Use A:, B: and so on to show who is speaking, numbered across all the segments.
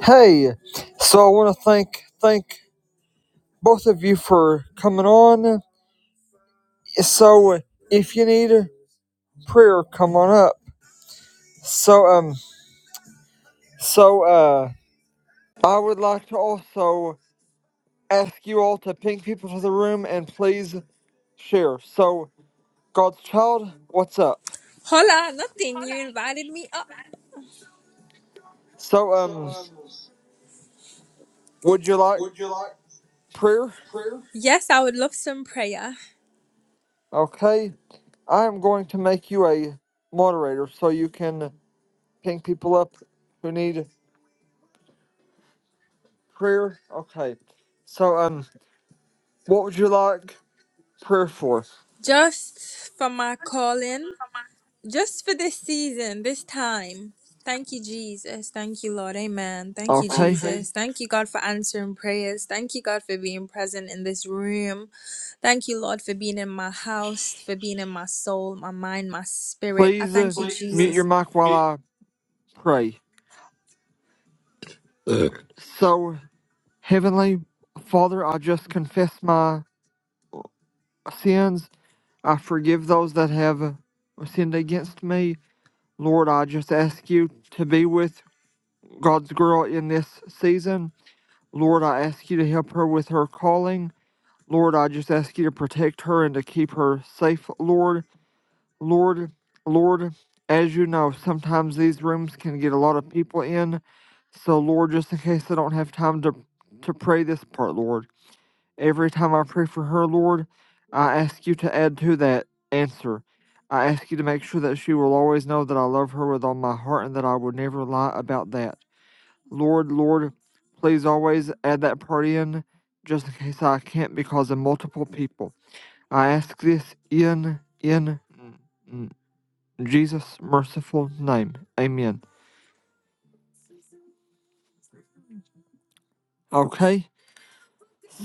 A: Hey, so I want to thank thank both of you for coming on. So if you need a prayer, come on up. So um, so uh, I would like to also ask you all to ping people to the room and please share. So God's child, what's up?
B: Hola, nothing. You invited me up.
A: So
B: So,
A: um,
B: um,
A: would you like
B: would you like
A: prayer?
B: prayer? Yes, I would love some prayer.
A: Okay, I am going to make you a moderator so you can ping people up who need Prayer? Okay. So, um, what would you like prayer for?
B: Just for my calling. Just for this season, this time. Thank you, Jesus. Thank you, Lord. Amen. Thank you, Okay.
A: Okay.
B: Jesus. Thank you, God, for answering prayers. Thank you, God, for being present in this room. Thank you, Lord, for being in my house, for being in my soul, my mind, my spirit. I
A: Please uh,
B: thank you, Please uh,
A: mute your mic while
B: Jesus.
A: I pray. So, Heavenly Father, I just confess my sins. I forgive those that have sinned against me. Lord, I just ask you to be with God's girl in this season. Lord, I ask you to help her with her calling. Lord, I just ask you to protect her and to keep her safe, Lord. Lord, Lord, as you know, sometimes these rooms can get a lot of people in. So, Lord, just in case I don't have time to, to pray this part, Lord, every time I pray for her, Lord, I ask you to add to that answer. I ask you to make sure that she will always know that I love her with all my heart and that I will never lie about that. Lord, Lord, please always add that part in just in case I can't because of multiple people. I ask this in, in, mm, mm. Jesus' merciful name. Amen. Okay.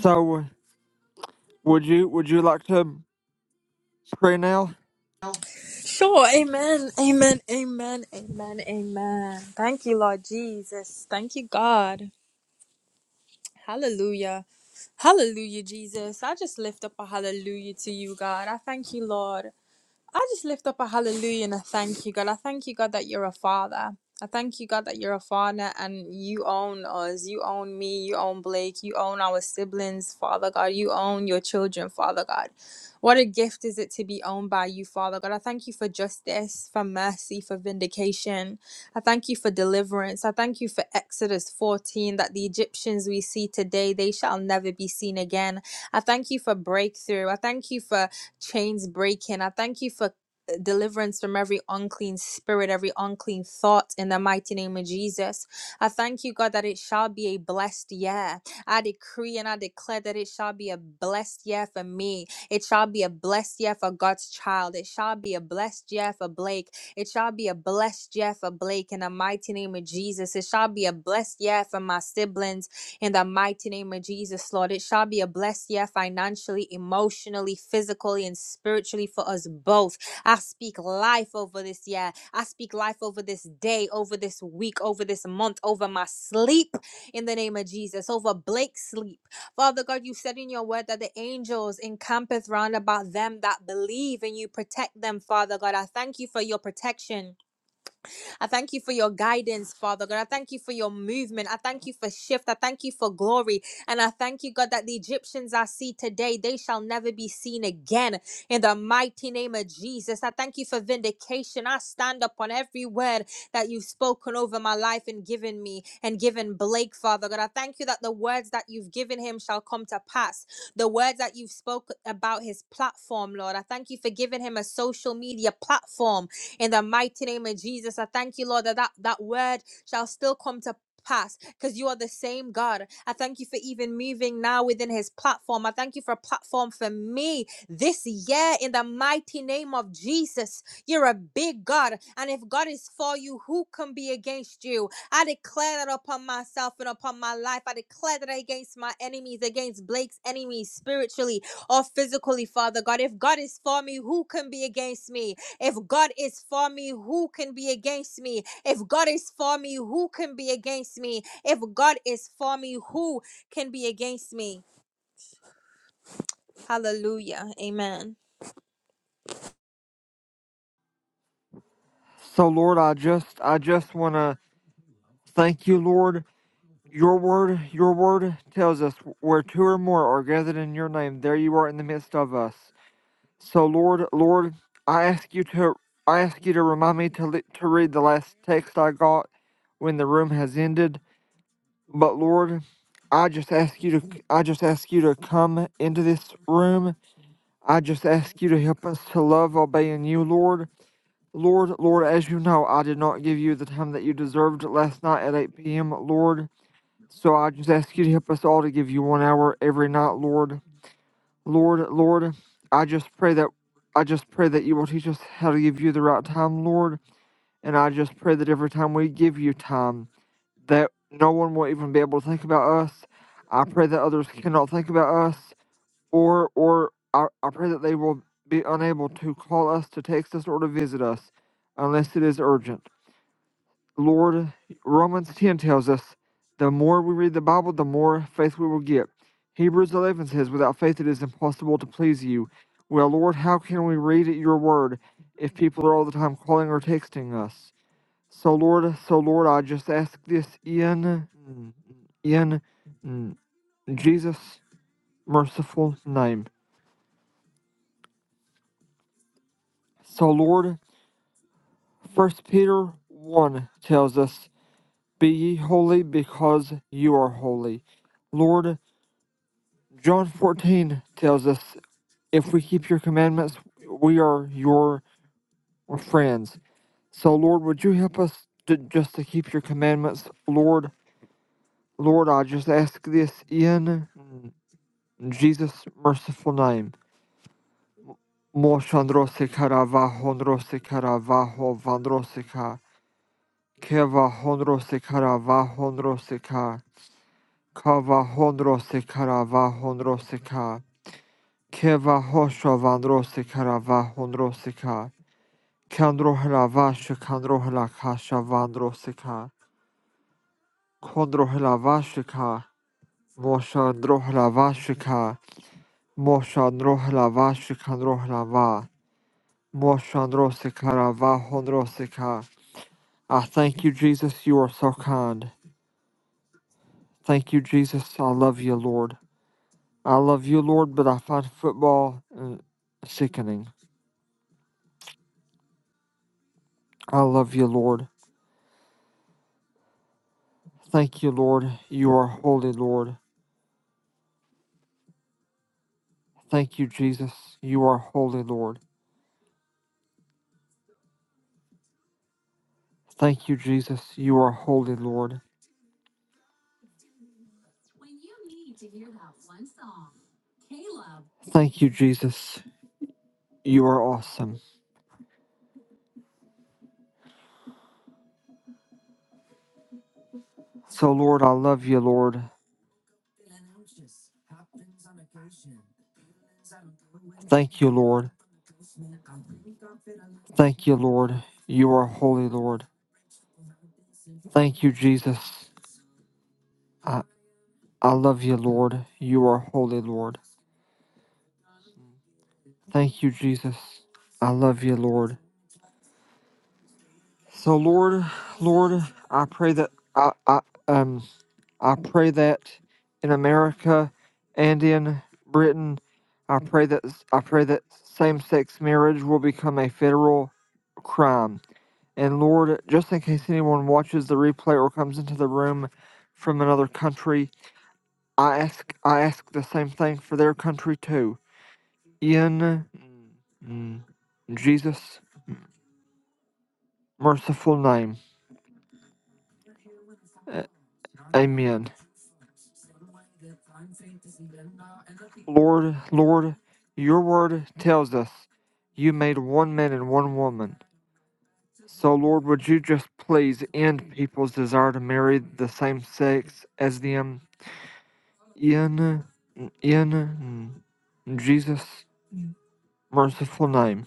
A: So uh, would you would you like to pray now?
B: Sure, amen, amen, amen, amen, amen. Thank you, Lord Jesus. Thank you, God. Hallelujah. Hallelujah, Jesus. I just lift up a hallelujah to you, God. I thank you, Lord. I just lift up a hallelujah and a thank you, God. I thank you, God, that you're a father. I thank you, God, that you're a father and you own us. You own me. You own Blake. You own our siblings, Father God. You own your children, Father God. What a gift is it to be owned by you, Father God. I thank you for justice, for mercy, for vindication. I thank you for deliverance. I thank you for Exodus 14 that the Egyptians we see today, they shall never be seen again. I thank you for breakthrough. I thank you for chains breaking. I thank you for uh, deliverance from every unclean spirit, every unclean thought in the mighty name of Jesus. I thank you, God, that it shall be a blessed year. I decree and I declare that it shall be a blessed year for me. It shall be a blessed year for God's child. It shall be a blessed year for Blake. It shall be a blessed year for Blake in the mighty name of Jesus. It shall be a blessed year for my siblings in the mighty name of Jesus, Lord. It shall be a blessed year financially, emotionally, physically, and spiritually for us both. I speak life over this year. I speak life over this day, over this week, over this month, over my sleep in the name of Jesus, over Blake's sleep. Father God, you said in your word that the angels encampeth round about them that believe and you protect them, Father God. I thank you for your protection. I thank you for your guidance, Father God. I thank you for your movement. I thank you for shift. I thank you for glory. And I thank you, God, that the Egyptians I see today, they shall never be seen again. In the mighty name of Jesus, I thank you for vindication. I stand upon every word that you've spoken over my life and given me and given Blake, Father God. I thank you that the words that you've given him shall come to pass. The words that you've spoken about his platform, Lord. I thank you for giving him a social media platform in the mighty name of Jesus. I thank you, Lord, that that, that word shall still come to pass because you are the same God. I thank you for even moving now within his platform. I thank you for a platform for me this year in the mighty name of Jesus. You're a big God, and if God is for you, who can be against you? I declare that upon myself and upon my life. I declare that against my enemies, against Blake's enemies spiritually or physically, Father God. If God is for me, who can be against me? If God is for me, who can be against me? If God is for me, who can be against me? If God is for me, who can be against me? Hallelujah. Amen.
A: So Lord, I just I just want to thank you, Lord. Your word your word tells us where two or more are gathered in your name, there you are in the midst of us. So Lord, Lord, I ask you to I ask you to remind me to le- to read the last text I got when the room has ended. But Lord, I just ask you to I just ask you to come into this room I just ask you to help us to love obeying you, Lord. Lord, Lord, as you know, I did not give you the time that you deserved last night at 8 p.m., Lord. So I just ask you to help us all to give you one hour every night, Lord. Lord, Lord, I just pray that I just pray that you will teach us how to give you the right time, Lord. And I just pray that every time we give you time, that no one will even be able to think about us. I pray that others cannot think about us or or I, I pray that they will be unable to call us to text us or to visit us unless it is urgent. Lord, Romans 10 tells us the more we read the Bible, the more faith we will get. Hebrews 11 says, without faith it is impossible to please you. Well, Lord, how can we read your word if people are all the time calling or texting us? So, Lord, so Lord, I just ask this in, in Jesus' merciful name. So, Lord, First Peter 1 tells us, Be ye holy because you are holy. Lord, John 14 tells us, If we keep your commandments, we are your friends. So, Lord, would you help us to, just to keep your commandments? Lord, Lord, I just ask this in Jesus' merciful name. Moshandrosikara vahondrosikara vahovandrosika, keva hondrosikara vahondrosika. Kava honrose karava honroseka. Keva hosho vandrose karava honroseka. Kandrohlava shikandrohla kasha vandroseka. Kondrohlava shika. Mosha drohlava shika. Mosha drohlava shikandrohlava. Mosha androse karava honroseka. I thank you, Jesus, you are so kind. Thank you, Jesus. I love you, Lord. I love you, Lord, but I find football uh, sickening. I love you, Lord. Thank you, Lord. You are holy, Lord. Thank you, Jesus. You are holy, Lord. Thank you, Jesus. You are holy, Lord. Thank you, Jesus. You are awesome. So, Lord, I love you, Lord. Thank you, Lord. Thank you, Lord. You are holy, Lord. Thank you, Jesus. I, I love you, Lord. You are holy, Lord. Thank you, Jesus. I love you, Lord. So, Lord, Lord, I pray that I, I um I pray that in America and in Britain, I pray that I pray that same-sex marriage will become a federal crime. And Lord, just in case anyone watches the replay or comes into the room from another country, I ask I ask the same thing for their country too. In mm, Jesus' merciful name, Amen. Lord, Lord, Your Word tells us you made one man and one woman So, Lord, would you just please end people's desire to marry the same sex as them in, in Jesus' merciful name?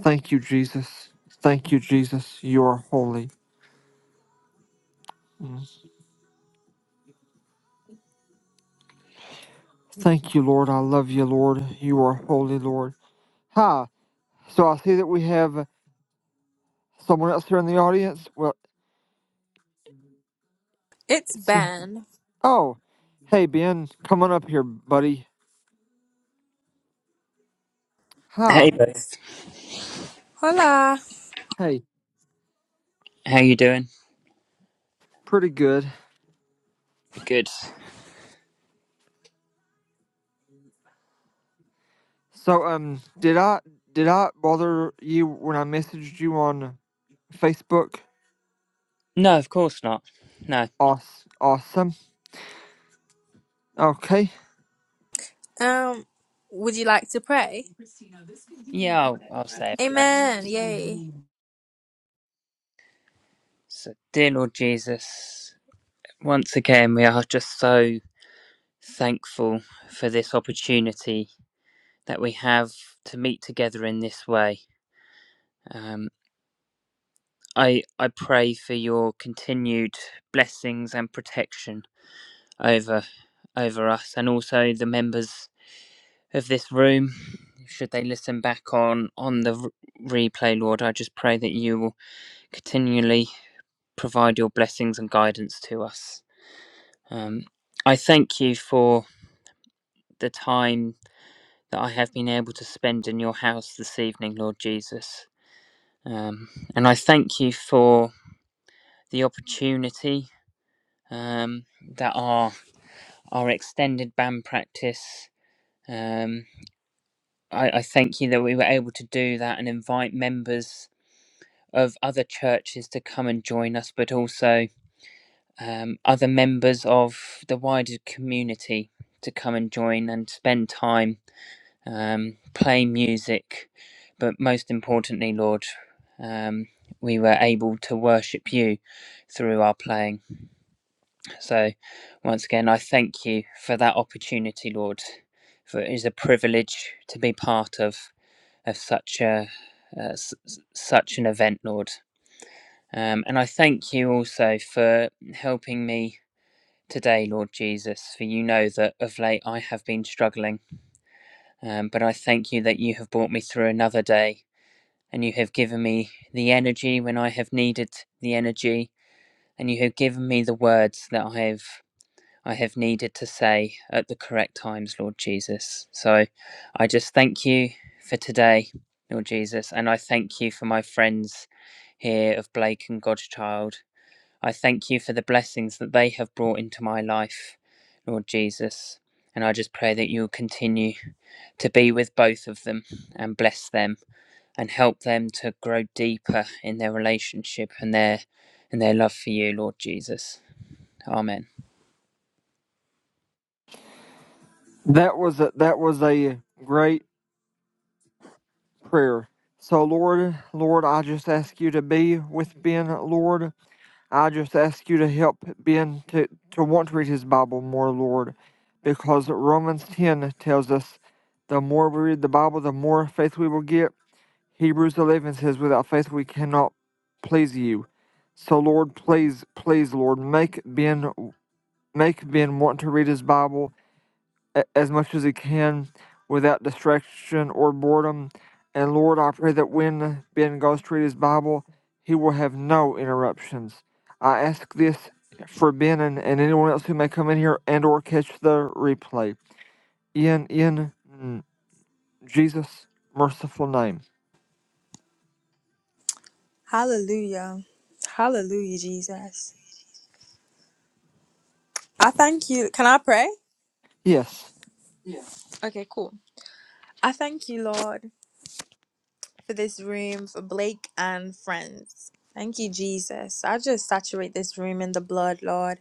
A: Thank you, Jesus. Thank you, Jesus. You are holy. Thank you, Lord. I love you, Lord. You are holy, Lord. Hi. So I see that we have someone else here in the audience. Well,
B: It's
A: it's
B: Ben.
A: oh, hey Ben, come on up here, buddy. Hi.
C: Hey both,
B: Hola.
A: Hey,
C: how you doing?
A: pretty good.
C: Good.
A: So um, did I did I bother you when I messaged you on Facebook?
C: No, of course not. No.
A: Awes- Awesome. Okay,
B: Um, would you like to pray?
C: Yeah, I'll, I'll say a prayer.
B: Amen. Yay.
C: So, dear Lord Jesus, once again we are just so thankful for this opportunity that we have to meet together in this way. Um, I I pray for your continued blessings and protection over over us and also the members of this room. Should they listen back on on the r- replay, Lord, I just pray that you will continually provide your blessings and guidance to us. Um, I thank you for the time that I have been able to spend in your house this evening, Lord Jesus. Um, and I thank you for the opportunity um, that our, our extended band practice. Um, I, I thank you that we were able to do that and invite members of other churches to come and join us, but also um, other members of the wider community to come and join and spend time um, playing music. But most importantly, Lord, um, we were able to worship you through our playing. So, once again, I thank you for that opportunity, Lord. For it is a privilege to be part of of such a uh, s- s- such an event, Lord. Um, and I thank you also for helping me today, Lord Jesus, for you know that of late I have been struggling, um, but I thank you that you have brought me through another day, and you have given me the energy when I have needed the energy, and you have given me the words that I have I have needed to say at the correct times, Lord Jesus. So I just thank you for today, Lord Jesus, and I thank you for my friends here of Blake and Godchild I thank you for the blessings that they have brought into my life, Lord Jesus. And I just pray that you'll continue to be with both of them and bless them and help them to grow deeper in their relationship and their and their love for you, Lord Jesus. Amen.
A: that was a, that was a great prayer. So Lord, Lord, I just ask you to be with Ben. Lord, I just ask you to help Ben to to want to read his Bible more, Lord, because Romans ten tells us the more we read the Bible, the more faith we will get Hebrews 11 says, Without faith we cannot please you. So, Lord, please, please, Lord, make Ben, make Ben want to read his Bible as much as he can without distraction or boredom. And, Lord, I pray that when Ben goes to read his Bible, he will have no interruptions. I ask this for Ben and, and anyone else who may come in here and or catch the replay. In, in mm, Jesus' merciful name.
B: Hallelujah. Hallelujah, Jesus. I thank you. Can I pray?
A: Yes.
B: Yeah. Okay, cool. I thank you, Lord. for this room, for Blake and friends. Thank you, Jesus. I just saturate this room in the blood, Lord.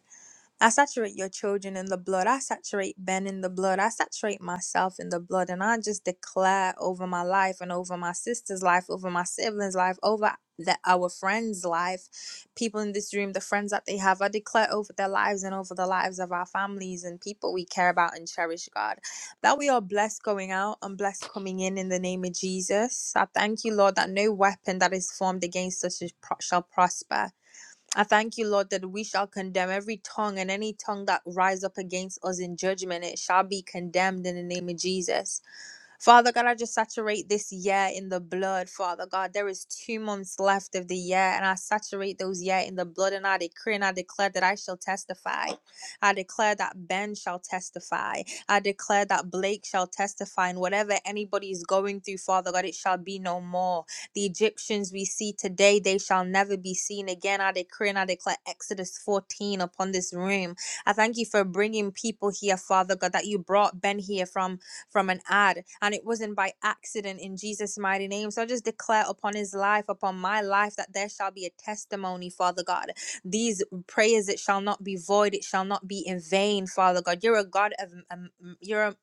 B: I saturate your children in the blood. I saturate Ben in the blood. I saturate myself in the blood. And I just declare over my life and over my sister's life, over my siblings' life, over the, our friends' life, people in this room, the friends that they have. I declare over their lives and over the lives of our families and people we care about and cherish, God. That we are blessed going out and blessed coming in in the name of Jesus. I thank you, Lord, that no weapon that is formed against us is pro- shall prosper. I thank you, Lord, that we shall condemn every tongue and any tongue that rise up against us in judgment. It shall be condemned in the name of Jesus. Father God, I just saturate this year in the blood, Father God. There is two months left of the year, and I saturate those year in the blood, and I decree and I declare that I shall testify. I declare that Ben shall testify. I declare that Blake shall testify, and whatever anybody is going through, Father God, it shall be no more. The Egyptians we see today, they shall never be seen again. I decree and I declare Exodus 14 upon this room. I thank you for bringing people here, Father God, that you brought Ben here from from an ad, and it wasn't by accident in Jesus' mighty name. So I just declare upon his life, upon my life, that there shall be a testimony, Father God. These prayers, it shall not be void, it shall not be in vain, Father God. You're a God of, um, you're a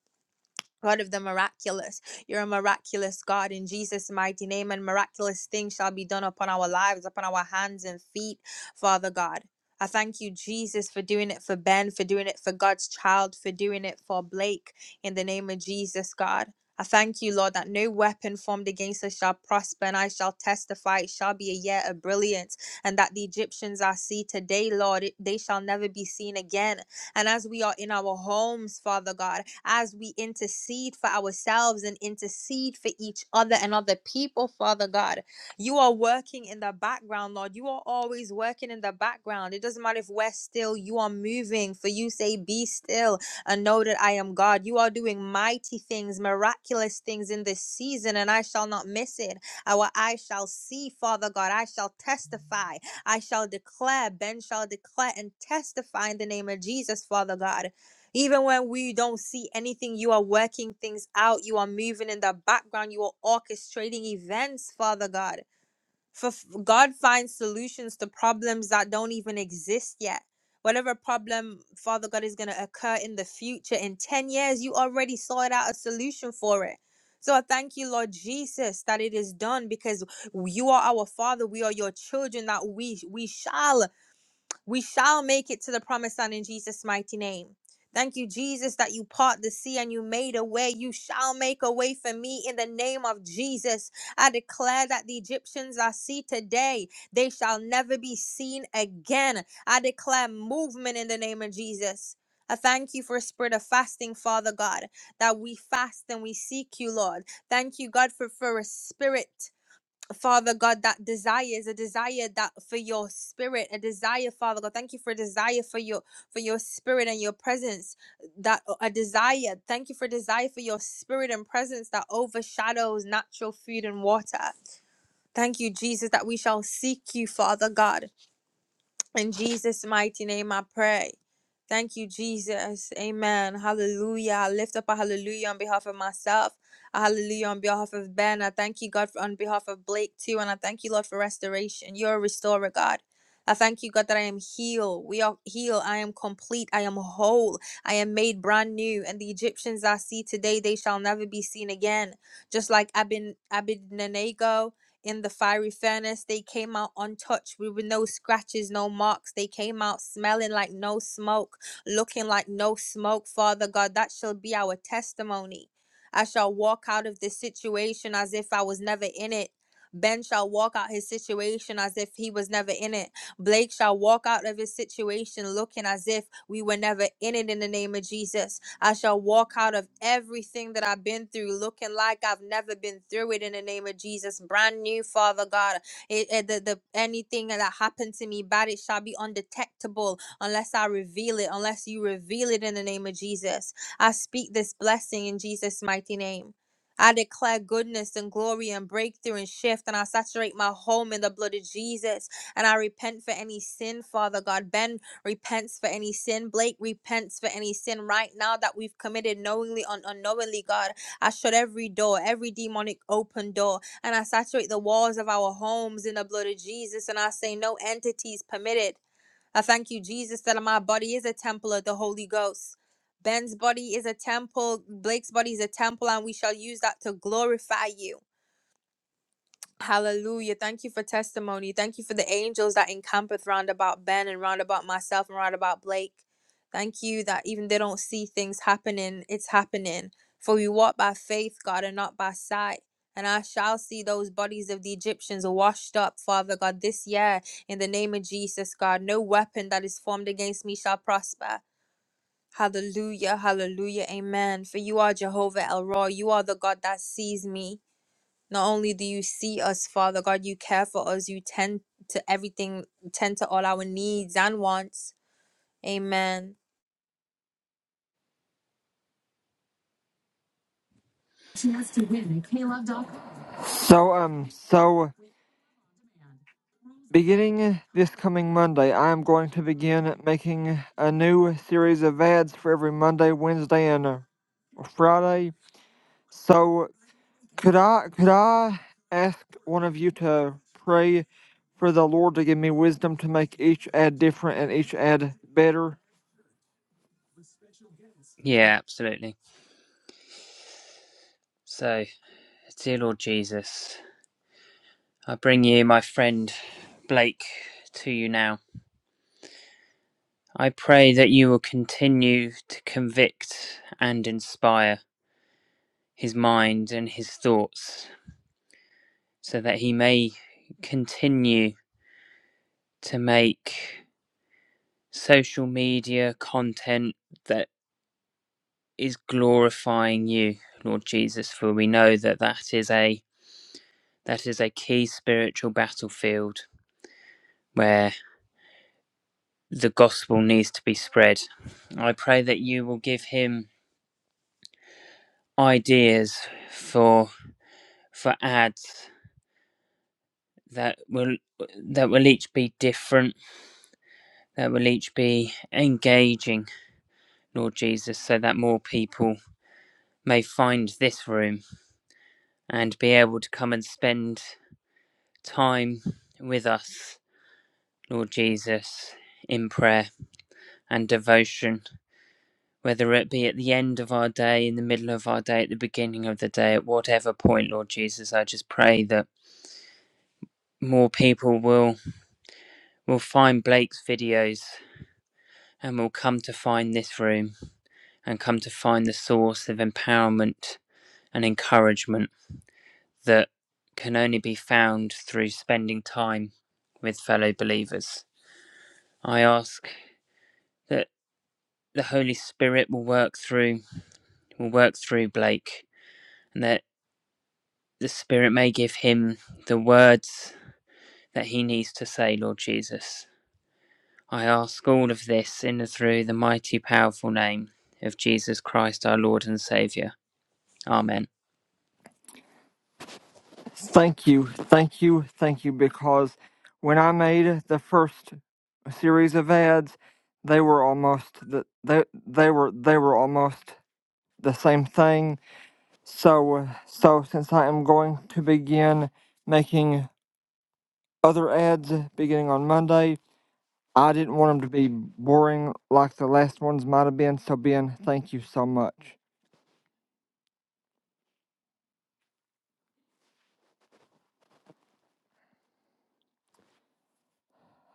B: God of the miraculous. You're a miraculous God in Jesus' mighty name, and miraculous things shall be done upon our lives, upon our hands and feet, Father God. I thank you, Jesus, for doing it for Ben, for doing it for God's child, for doing it for Blake, in the name of Jesus, God. I thank you, Lord, that no weapon formed against us shall prosper, and I shall testify it shall be a year of brilliance, and that the Egyptians I see today, Lord, it- they shall never be seen again and as we are in our homes, Father God, as we intercede for ourselves and intercede for each other and other people, Father God, you are working in the background, Lord. You are always working in the background. It doesn't matter if we're still, you are moving. For you say, Be still and know that I am God. You are doing mighty things, miraculous things in this season, and I shall not miss it. Our eyes shall see, Father God. I shall testify. I shall declare, Ben shall declare and testify in the name of Jesus, Father God. Even when we don't see anything, you are working things out. You are moving in the background. You are orchestrating events, Father God. For God finds solutions to problems that don't even exist yet. Whatever problem, Father God, is going to occur in the future, in 10 years, you already sought out a solution for it. So I thank you, Lord Jesus, that it is done because you are our Father. We are your children, that we, we shall. We shall make it to the promised land in Jesus' mighty name. Thank you, Jesus, that you part the sea and you made a way. You shall make a way for me in the name of Jesus. I declare that the Egyptians I see today, they shall never be seen again. I declare movement in the name of Jesus. I thank you for a spirit of fasting, Father God, that we fast and we seek you, Lord. Thank you, God, for, for a spirit. Father God, that desire is a desire that for your spirit, a desire, Father God. Thank you for a desire for your for your spirit and your presence. That uh, a desire. Thank you for a desire for your spirit and presence that overshadows natural food and water. Thank you, Jesus, that we shall seek you, Father God. In Jesus' mighty name, I pray. Thank you, Jesus. Amen. Hallelujah. I lift up a hallelujah on behalf of myself, a hallelujah on behalf of Ben. I thank you, God, for, on behalf of Blake, too. And I thank you, Lord, for restoration. You're a restorer, God. I thank you, God, that I am healed. We are healed. I am complete. I am whole. I am made brand new. And the Egyptians I see today, they shall never be seen again. Just like Abin Abednego in the fiery furnace. They came out untouched. We were no scratches, no marks. They came out smelling like no smoke, looking like no smoke. Father God, that shall be our testimony. I shall walk out of this situation as if I was never in it. Ben shall walk out his situation as if he was never in it. Blake shall walk out of his situation looking as if we were never in it in the name of Jesus. I shall walk out of everything that I've been through looking like I've never been through it in the name of Jesus. Brand new, Father God. It, it- the, the, anything that happened to me bad, it shall be undetectable unless I reveal it, unless you reveal it in the name of Jesus. I speak this blessing in Jesus' mighty name. I declare goodness and glory and breakthrough and shift, and I saturate my home in the blood of Jesus. And I repent for any sin, Father God repents for any sin. Blake repents for any sin right now that we've committed knowingly and unknowingly, God. I shut every door, every demonic open door, and I saturate the walls of our homes in the blood of Jesus, and I say, No entities permitted. I thank you, Jesus, that my body is a temple of the Holy Ghost. Ben's body is a temple, Blake's body is a temple, and we shall use that to glorify you. Hallelujah. Thank you for testimony. Thank you for the angels that encampeth round about Ben and round about myself and round about Blake. Thank you that even they don't see things happening, it's happening. For we walk by faith, God, and not by sight. And I shall see those bodies of the Egyptians washed up, Father God, this year in the name of Jesus, God. No weapon that is formed against me shall prosper. Hallelujah, hallelujah, amen. For you are Jehovah El Roy. You are the God that sees me. Not only do you see us, Father God, you care for us. You tend to everything, tend to all our needs and wants. Amen.
A: So, um, so beginning this coming Monday, I am going to begin making a new series of ads for every Monday, Wednesday, and uh, Friday. So, could I could I ask one of you to pray for the Lord to give me wisdom to make each ad different and each ad better?
C: Yeah, absolutely. So, dear Lord Jesus, I bring you my friend Blake to you now. I pray that you will continue to convict and inspire his mind and his thoughts so that he may continue to make social media content that is glorifying you lord jesus for we know that that is a that is a key spiritual battlefield where the gospel needs to be spread i pray that you will give him ideas for for ads that will that will each be different that will each be engaging Lord Jesus, so that more people may find this room and be able to come and spend time with us, Lord Jesus, in prayer and devotion, whether it be at the end of our day, in the middle of our day, at the beginning of the day, at whatever point, Lord Jesus, I just pray that more people will will find Blake's videos and will come to find this room and come to find the source of empowerment and encouragement that can only be found through spending time with fellow believers. I ask that the Holy Spirit will work through will work through Blake and that the Spirit may give him the words that he needs to say, Lord Jesus. I ask all of this in and through the mighty powerful name of Jesus Christ our Lord and Saviour. Amen.
A: Thank you, thank you, thank you. Because when I made the first series of ads, they were almost the, they they were they were almost the same thing. So, so since I am going to begin making other ads beginning on Monday, I didn't want them to be boring like the last ones might have been. So, Ben, thank you so much.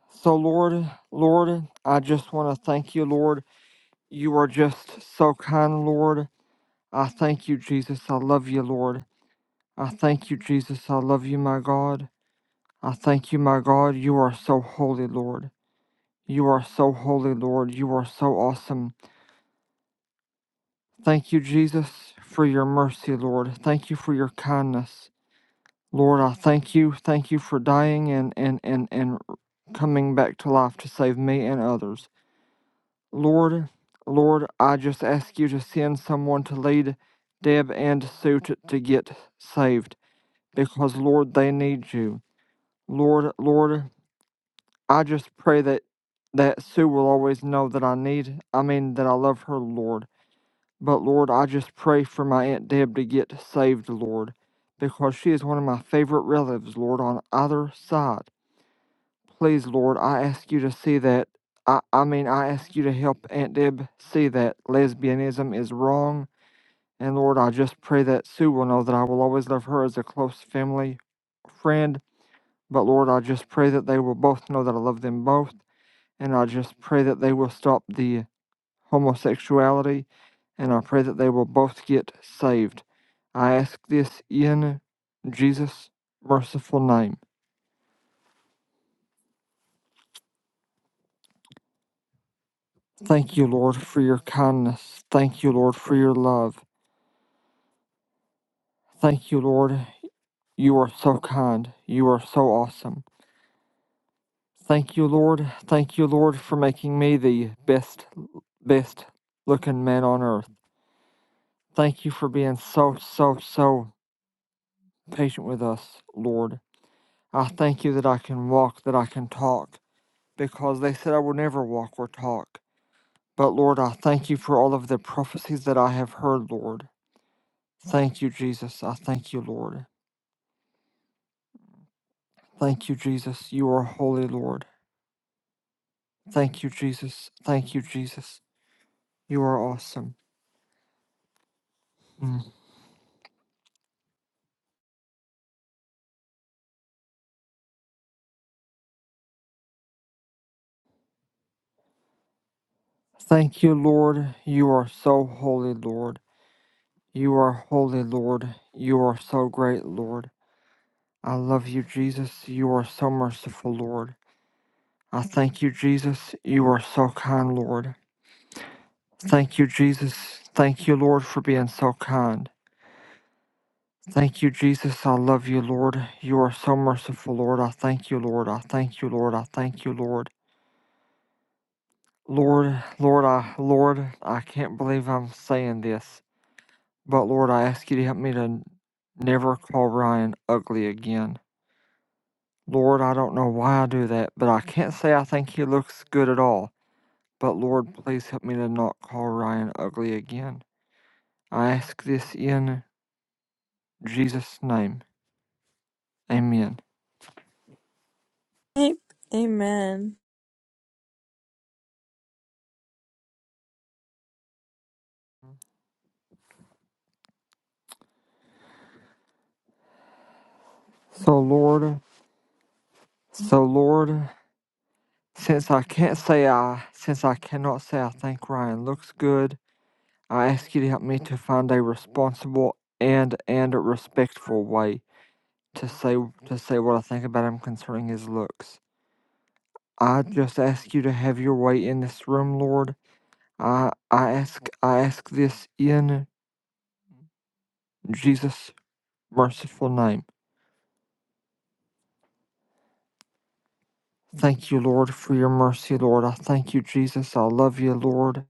A: So, Lord, Lord, I just want to thank you, Lord. You are just so kind, Lord. I thank you, Jesus. I love you, Lord. I thank you, Jesus. I love you, my God. I thank you, my God. You are so holy, Lord. You are so holy, Lord. You are so awesome. Thank you, Jesus, for your mercy, Lord. Thank you for your kindness. Lord, I thank you. Thank you for dying and, and, and, and coming back to life to save me and others. Lord, Lord, I just ask you to send someone to lead Deb and Sue to, to get saved because, Lord, they need you. Lord, Lord, I just pray that, that Sue will always know that I need, I mean, that I love her, Lord. But Lord, I just pray for my Aunt Deb to get saved, Lord, because she is one of my favorite relatives, Lord, on either side. Please, Lord, I ask you to see that. I, I mean, I ask you to help Aunt Deb see that lesbianism is wrong. And Lord, I just pray that Sue will know that I will always love her as a close family friend. But Lord, I just pray that they will both know that I love them both. And I just pray that they will stop the homosexuality, and I pray that they will both get saved. I ask this in Jesus' merciful name. Thank you, Lord, for your kindness. Thank you, Lord, for your love. Thank you, Lord. You are so kind. You are so awesome. Thank you, Lord. Thank you, Lord, for making me the best, best looking man on earth. Thank you for being so, so, so patient with us, Lord. I thank you that I can walk, that I can talk, because they said I will never walk or talk. But Lord, I thank you for all of the prophecies that I have heard, Lord. Thank you, Jesus. I thank you, Lord. Thank you, Jesus. You are holy, Lord. Thank you, Jesus. Thank you, Jesus. You are awesome. Mm. Thank you, Lord. You are so holy, Lord. You are holy, Lord. You are so great, Lord. I love you, Jesus. You are so merciful, Lord. I thank you, Jesus. You are so kind, Lord. Thank you, Jesus. Thank you, Lord, for being so kind. Thank you, Jesus. I love you, Lord. You are so merciful, Lord. I thank you, Lord. I thank you, Lord. I thank you, Lord. Lord, Lord, I, Lord, I can't believe I'm saying this, but Lord, I ask you to help me to n- never call Ryan ugly again. Lord, I don't know why I do that, but I can't say I think he looks good at all. But Lord, please help me to not call Ryan ugly again. I ask this in Jesus' name. Amen.
B: Amen.
A: So Lord, so Lord, since I can't say I, since I cannot say I think Ryan looks good, I ask you to help me to find a responsible and and respectful way to say to say what I think about him concerning his looks. I just ask you to have your way in this room, Lord. I I ask I ask this in Jesus' merciful name. Thank you, Lord, for your mercy, Lord. I thank you, Jesus. I love you, Lord.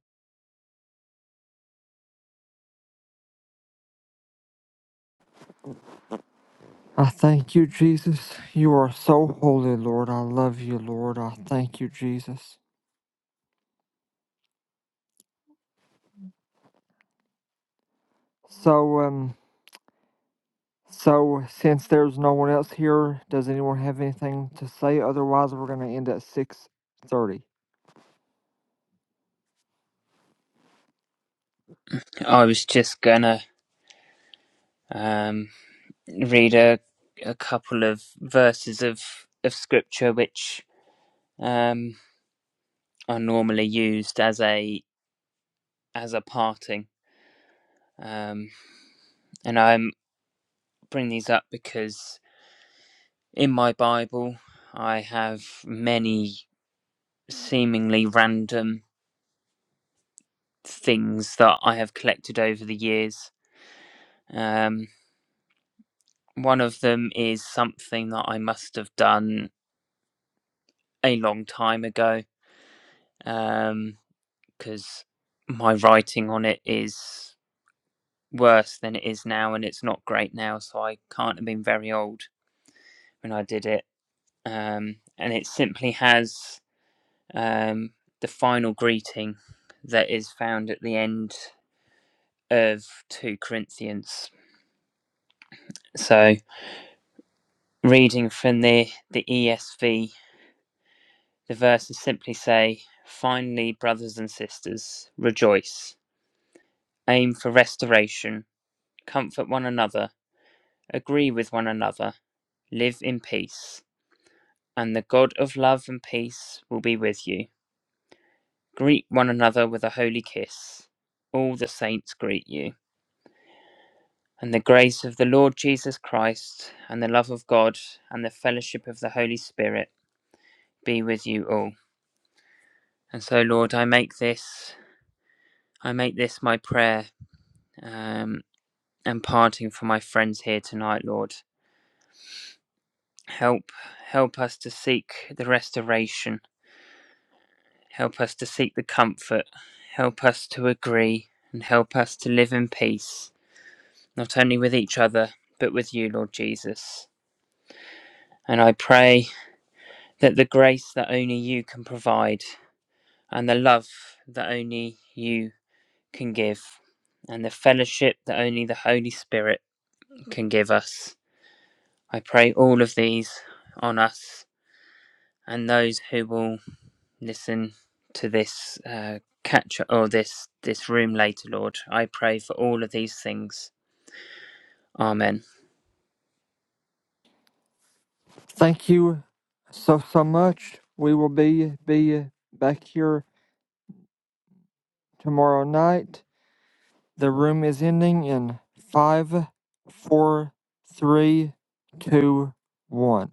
A: I thank you, Jesus. You are so holy, Lord. I love you, Lord. I thank you, Jesus. So, um, so since there's no one else here, does anyone have anything to say? Otherwise, we're going to end at six thirty.
C: I was just gonna um, read a a couple of verses of of scripture which um, are normally used as a as a parting. Um, and I'm bringing these up because in my Bible I have many seemingly random things that I have collected over the years. Um, one of them is something that I must have done a long time ago um, because my writing on it is worse than it is now and it's not great now, so I can't have been very old. when I did it, um, and it simply has um, the final greeting that is found at the end of 2 Corinthians. So, reading from the, the ESV, the verses simply say, Finally, brothers and sisters, rejoice, aim for restoration, comfort one another, agree with one another, live in peace, and the God of love and peace will be with you. Greet one another with a holy kiss. All the saints greet you. And the grace of the Lord Jesus Christ, and the love of God, and the fellowship of the Holy Spirit be with you all. And so, Lord, I make this, I make this my prayer, um, and parting for my friends here tonight, Lord. Help, help us to seek the restoration. Help us to seek the comfort. Help us to agree, and help us to live in peace not only with each other, but with you, Lord Jesus. And I pray that the grace that only you can provide, and the love that only you can give, and the fellowship that only the Holy Spirit can give us. I pray all of these on us and those who will listen to this uh, catch or this this room later, Lord. I pray for all of these things. Amen.
A: Thank you so so much. We will be be back here tomorrow night. The room is ending in five, four, three, two, one.